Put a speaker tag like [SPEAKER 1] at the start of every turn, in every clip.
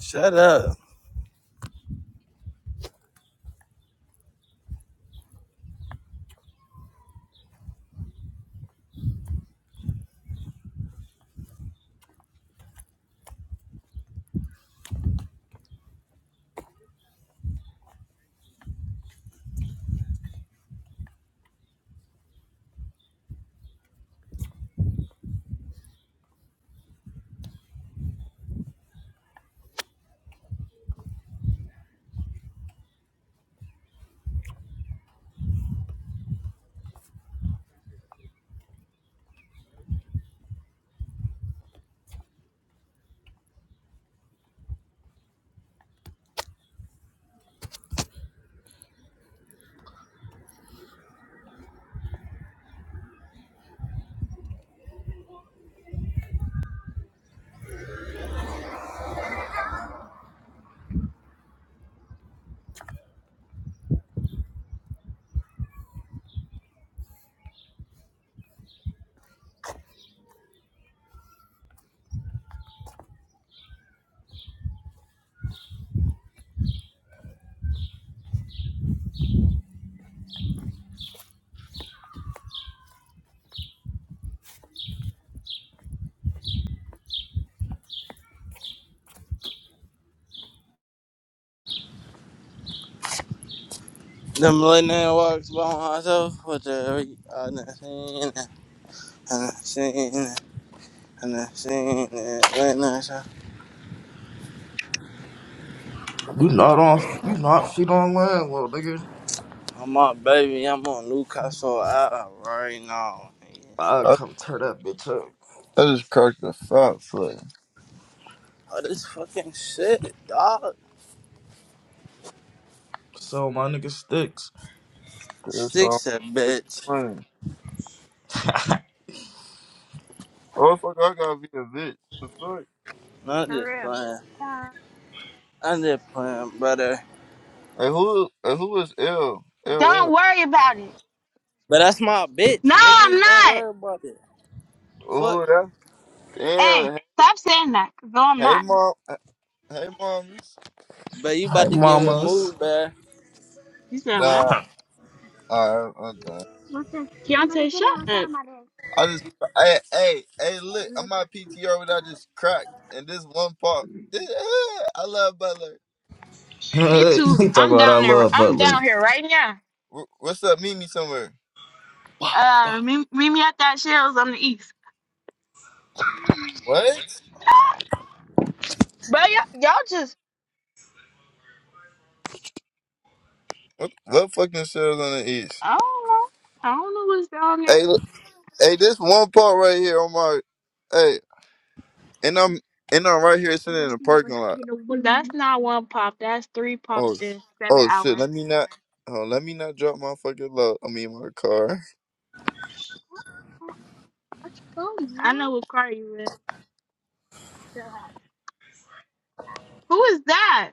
[SPEAKER 1] Shut up. Them little nigga walks by myself with the I done seen it, I done seen it, I done seen it. Right now, so-
[SPEAKER 2] You not on you not feet online, little nigga.
[SPEAKER 1] I'm on baby, I'm on Newcastle Island right now.
[SPEAKER 2] I
[SPEAKER 3] I,
[SPEAKER 2] come tear that bitch up.
[SPEAKER 3] I just cracked a fat foot.
[SPEAKER 1] All this fucking shit, dog.
[SPEAKER 2] So my nigga sticks.
[SPEAKER 3] That's all.
[SPEAKER 1] Sticks a bitch.
[SPEAKER 3] Money. Oh fuck! I gotta be a bitch. The fuck?
[SPEAKER 1] Not
[SPEAKER 4] For
[SPEAKER 1] just
[SPEAKER 4] real.
[SPEAKER 1] playing. I'm just playing, brother.
[SPEAKER 3] Hey, who? Hey, who is L? L
[SPEAKER 4] Don't
[SPEAKER 3] L.
[SPEAKER 4] worry about it.
[SPEAKER 1] But that's my bitch,
[SPEAKER 4] No, I'm
[SPEAKER 1] nigga. Don't
[SPEAKER 4] not.
[SPEAKER 1] worry about it. Fuck.
[SPEAKER 3] Who that.
[SPEAKER 4] Hey,
[SPEAKER 3] Damn. Hey,
[SPEAKER 4] stop saying that. No, I'm
[SPEAKER 3] hey,
[SPEAKER 4] not.
[SPEAKER 3] mom. Hey, mom.
[SPEAKER 1] But you
[SPEAKER 2] Hey
[SPEAKER 1] about to get
[SPEAKER 2] mamas.
[SPEAKER 1] removed, bruh.
[SPEAKER 4] You said what?
[SPEAKER 3] Nah. Alright, I'm done.
[SPEAKER 4] Keontae, shut up.
[SPEAKER 3] I just. Hey, hey, hey! Look, I'm my PTR without just cracked, and this one part. This, eh, I love Butler.
[SPEAKER 4] Me too.
[SPEAKER 2] you talk
[SPEAKER 4] I'm
[SPEAKER 2] about I
[SPEAKER 4] down there.
[SPEAKER 2] love
[SPEAKER 4] I'm
[SPEAKER 2] Butler.
[SPEAKER 4] down here right now.
[SPEAKER 3] Wh- What's up? Meet me somewhere.
[SPEAKER 4] Uh, meet, meet me at that Shell's on the east.
[SPEAKER 3] What?
[SPEAKER 4] But y'all, y'all just,
[SPEAKER 3] What, what fucking shit is on the east?
[SPEAKER 4] I don't know. I don't know what's down there.
[SPEAKER 3] Hey, Hey, this one part right here on my hey, and I'm and I'm right here sitting in the parking lot.
[SPEAKER 4] That's not one pop. That's three
[SPEAKER 3] Oh,
[SPEAKER 4] pops
[SPEAKER 3] sh-
[SPEAKER 4] in seven
[SPEAKER 3] oh shit!
[SPEAKER 4] hours.
[SPEAKER 3] Let me not. Oh, let me not drop my fucking love. I mean my car.
[SPEAKER 4] I know what car you in. Who is that?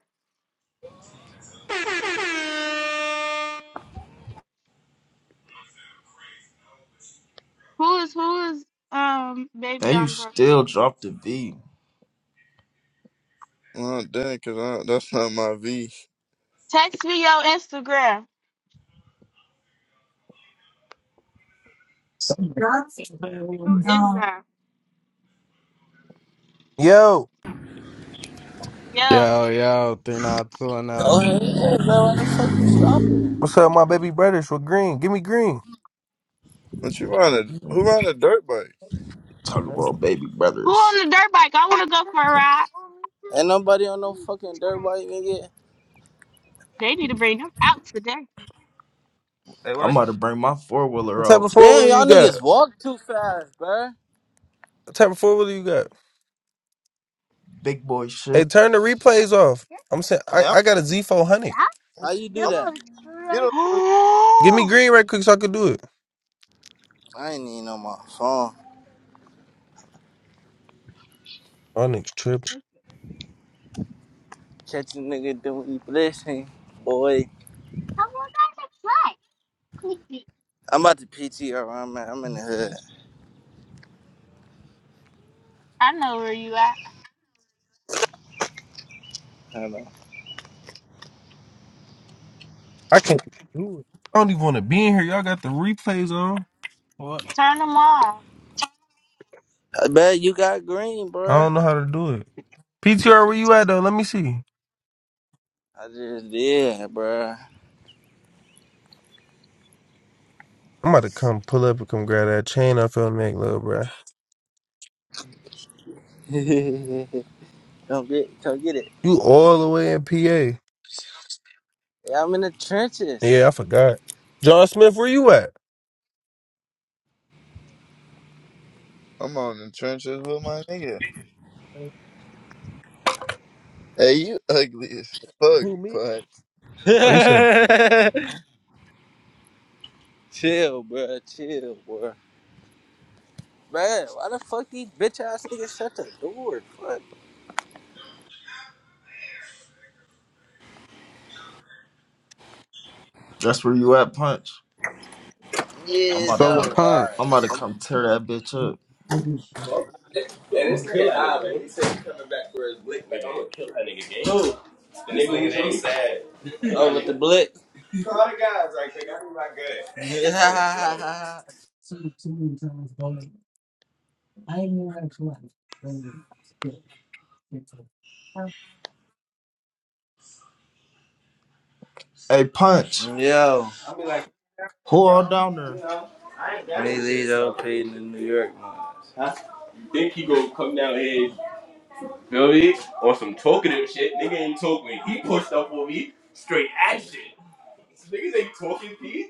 [SPEAKER 4] Who is who is um baby
[SPEAKER 2] And you
[SPEAKER 4] Umbra?
[SPEAKER 2] still drop the V.
[SPEAKER 3] Oh damn, cause I, that's not my V.
[SPEAKER 4] Text me your Instagram. Who is that?
[SPEAKER 5] Yo,
[SPEAKER 4] Yeah.
[SPEAKER 6] Yo, yo, 392
[SPEAKER 1] Oh,
[SPEAKER 6] now.
[SPEAKER 1] hey, bro, stop.
[SPEAKER 5] what's up, my baby brothers? With green, give me green.
[SPEAKER 3] What you riding? Who riding a dirt bike?
[SPEAKER 2] Talk about
[SPEAKER 5] What
[SPEAKER 2] baby
[SPEAKER 4] Who
[SPEAKER 2] brothers.
[SPEAKER 4] on the dirt bike? I wanna go for a ride.
[SPEAKER 1] Ain't nobody on no fucking dirt white nigga.
[SPEAKER 4] They need to bring them out today.
[SPEAKER 3] Hey,
[SPEAKER 2] I'm
[SPEAKER 3] why?
[SPEAKER 2] about to bring my four wheeler
[SPEAKER 5] type
[SPEAKER 2] out.
[SPEAKER 5] of four
[SPEAKER 1] Damn,
[SPEAKER 5] wheeler
[SPEAKER 1] y'all
[SPEAKER 5] you got?
[SPEAKER 1] niggas walk too fast, bruh.
[SPEAKER 5] What type of four wheeler you got?
[SPEAKER 2] Big boy
[SPEAKER 5] Hey,
[SPEAKER 2] shit.
[SPEAKER 5] turn the replays off. I'm saying I,
[SPEAKER 3] Hey, I'm,
[SPEAKER 5] I got a Z400.
[SPEAKER 1] How you do
[SPEAKER 4] Them
[SPEAKER 3] I'm
[SPEAKER 1] that?
[SPEAKER 4] on,
[SPEAKER 3] get on. your-
[SPEAKER 5] Give me
[SPEAKER 4] Oh,
[SPEAKER 5] green right quick so I can do it.
[SPEAKER 1] I ain't even on my phone.
[SPEAKER 5] Oh, niggas tripping.
[SPEAKER 1] Catch a nigga doing this thing, boy. I'm about to PTR. I'm at, I'm in the hood.
[SPEAKER 4] I know where you at.
[SPEAKER 1] Hold on.
[SPEAKER 5] I can't do it. I don't even want to be in here. Y'all got the replays on. What?
[SPEAKER 4] Turn them off.
[SPEAKER 1] I bet you got green,
[SPEAKER 5] I
[SPEAKER 1] bruh.
[SPEAKER 5] don't know how to do it. PTR, where you at though? Let me see.
[SPEAKER 1] I just did, bruh.
[SPEAKER 5] I'm about to come pull up and come grab that chain off your neck, little bruh.
[SPEAKER 1] Come get, come get it.
[SPEAKER 5] You all the way in PA.
[SPEAKER 1] Yeah, I'm in the
[SPEAKER 5] Yeah,
[SPEAKER 1] trenches.
[SPEAKER 5] I forgot. John Smith, where you at?
[SPEAKER 3] I'm on the trenches with my nigga. Hey, you ugly as
[SPEAKER 5] Who me?
[SPEAKER 3] fuck,
[SPEAKER 5] Oh, you said
[SPEAKER 1] chill, bruh. Chill, bruh. Man, why the fuck these bitch ass niggas shut the door? Fuck.
[SPEAKER 2] That's where you at, Punch. I'm
[SPEAKER 1] Yeah,
[SPEAKER 2] about to
[SPEAKER 1] though.
[SPEAKER 6] So,
[SPEAKER 2] come
[SPEAKER 6] Hunt.
[SPEAKER 2] I'm
[SPEAKER 1] Alright.
[SPEAKER 2] about to come tear that bitch up.
[SPEAKER 1] Yeah, this nigga high, man. He said he coming back for his lick, man. I'm Nigga, he's Oh, with the blick. Call the guys right quick. I need my
[SPEAKER 2] Hey Punch.
[SPEAKER 1] good. Yo, I'll be like,
[SPEAKER 2] Who all
[SPEAKER 1] um,
[SPEAKER 2] down
[SPEAKER 1] you
[SPEAKER 2] there?
[SPEAKER 1] know, I ain't got me He shit, out so. in New York ones. Huh? Think he gonna come down here, feel me? On some talkative shit. Nigga ain't talking. He pushed up on me. Straight action. Niggas ain't talking, P.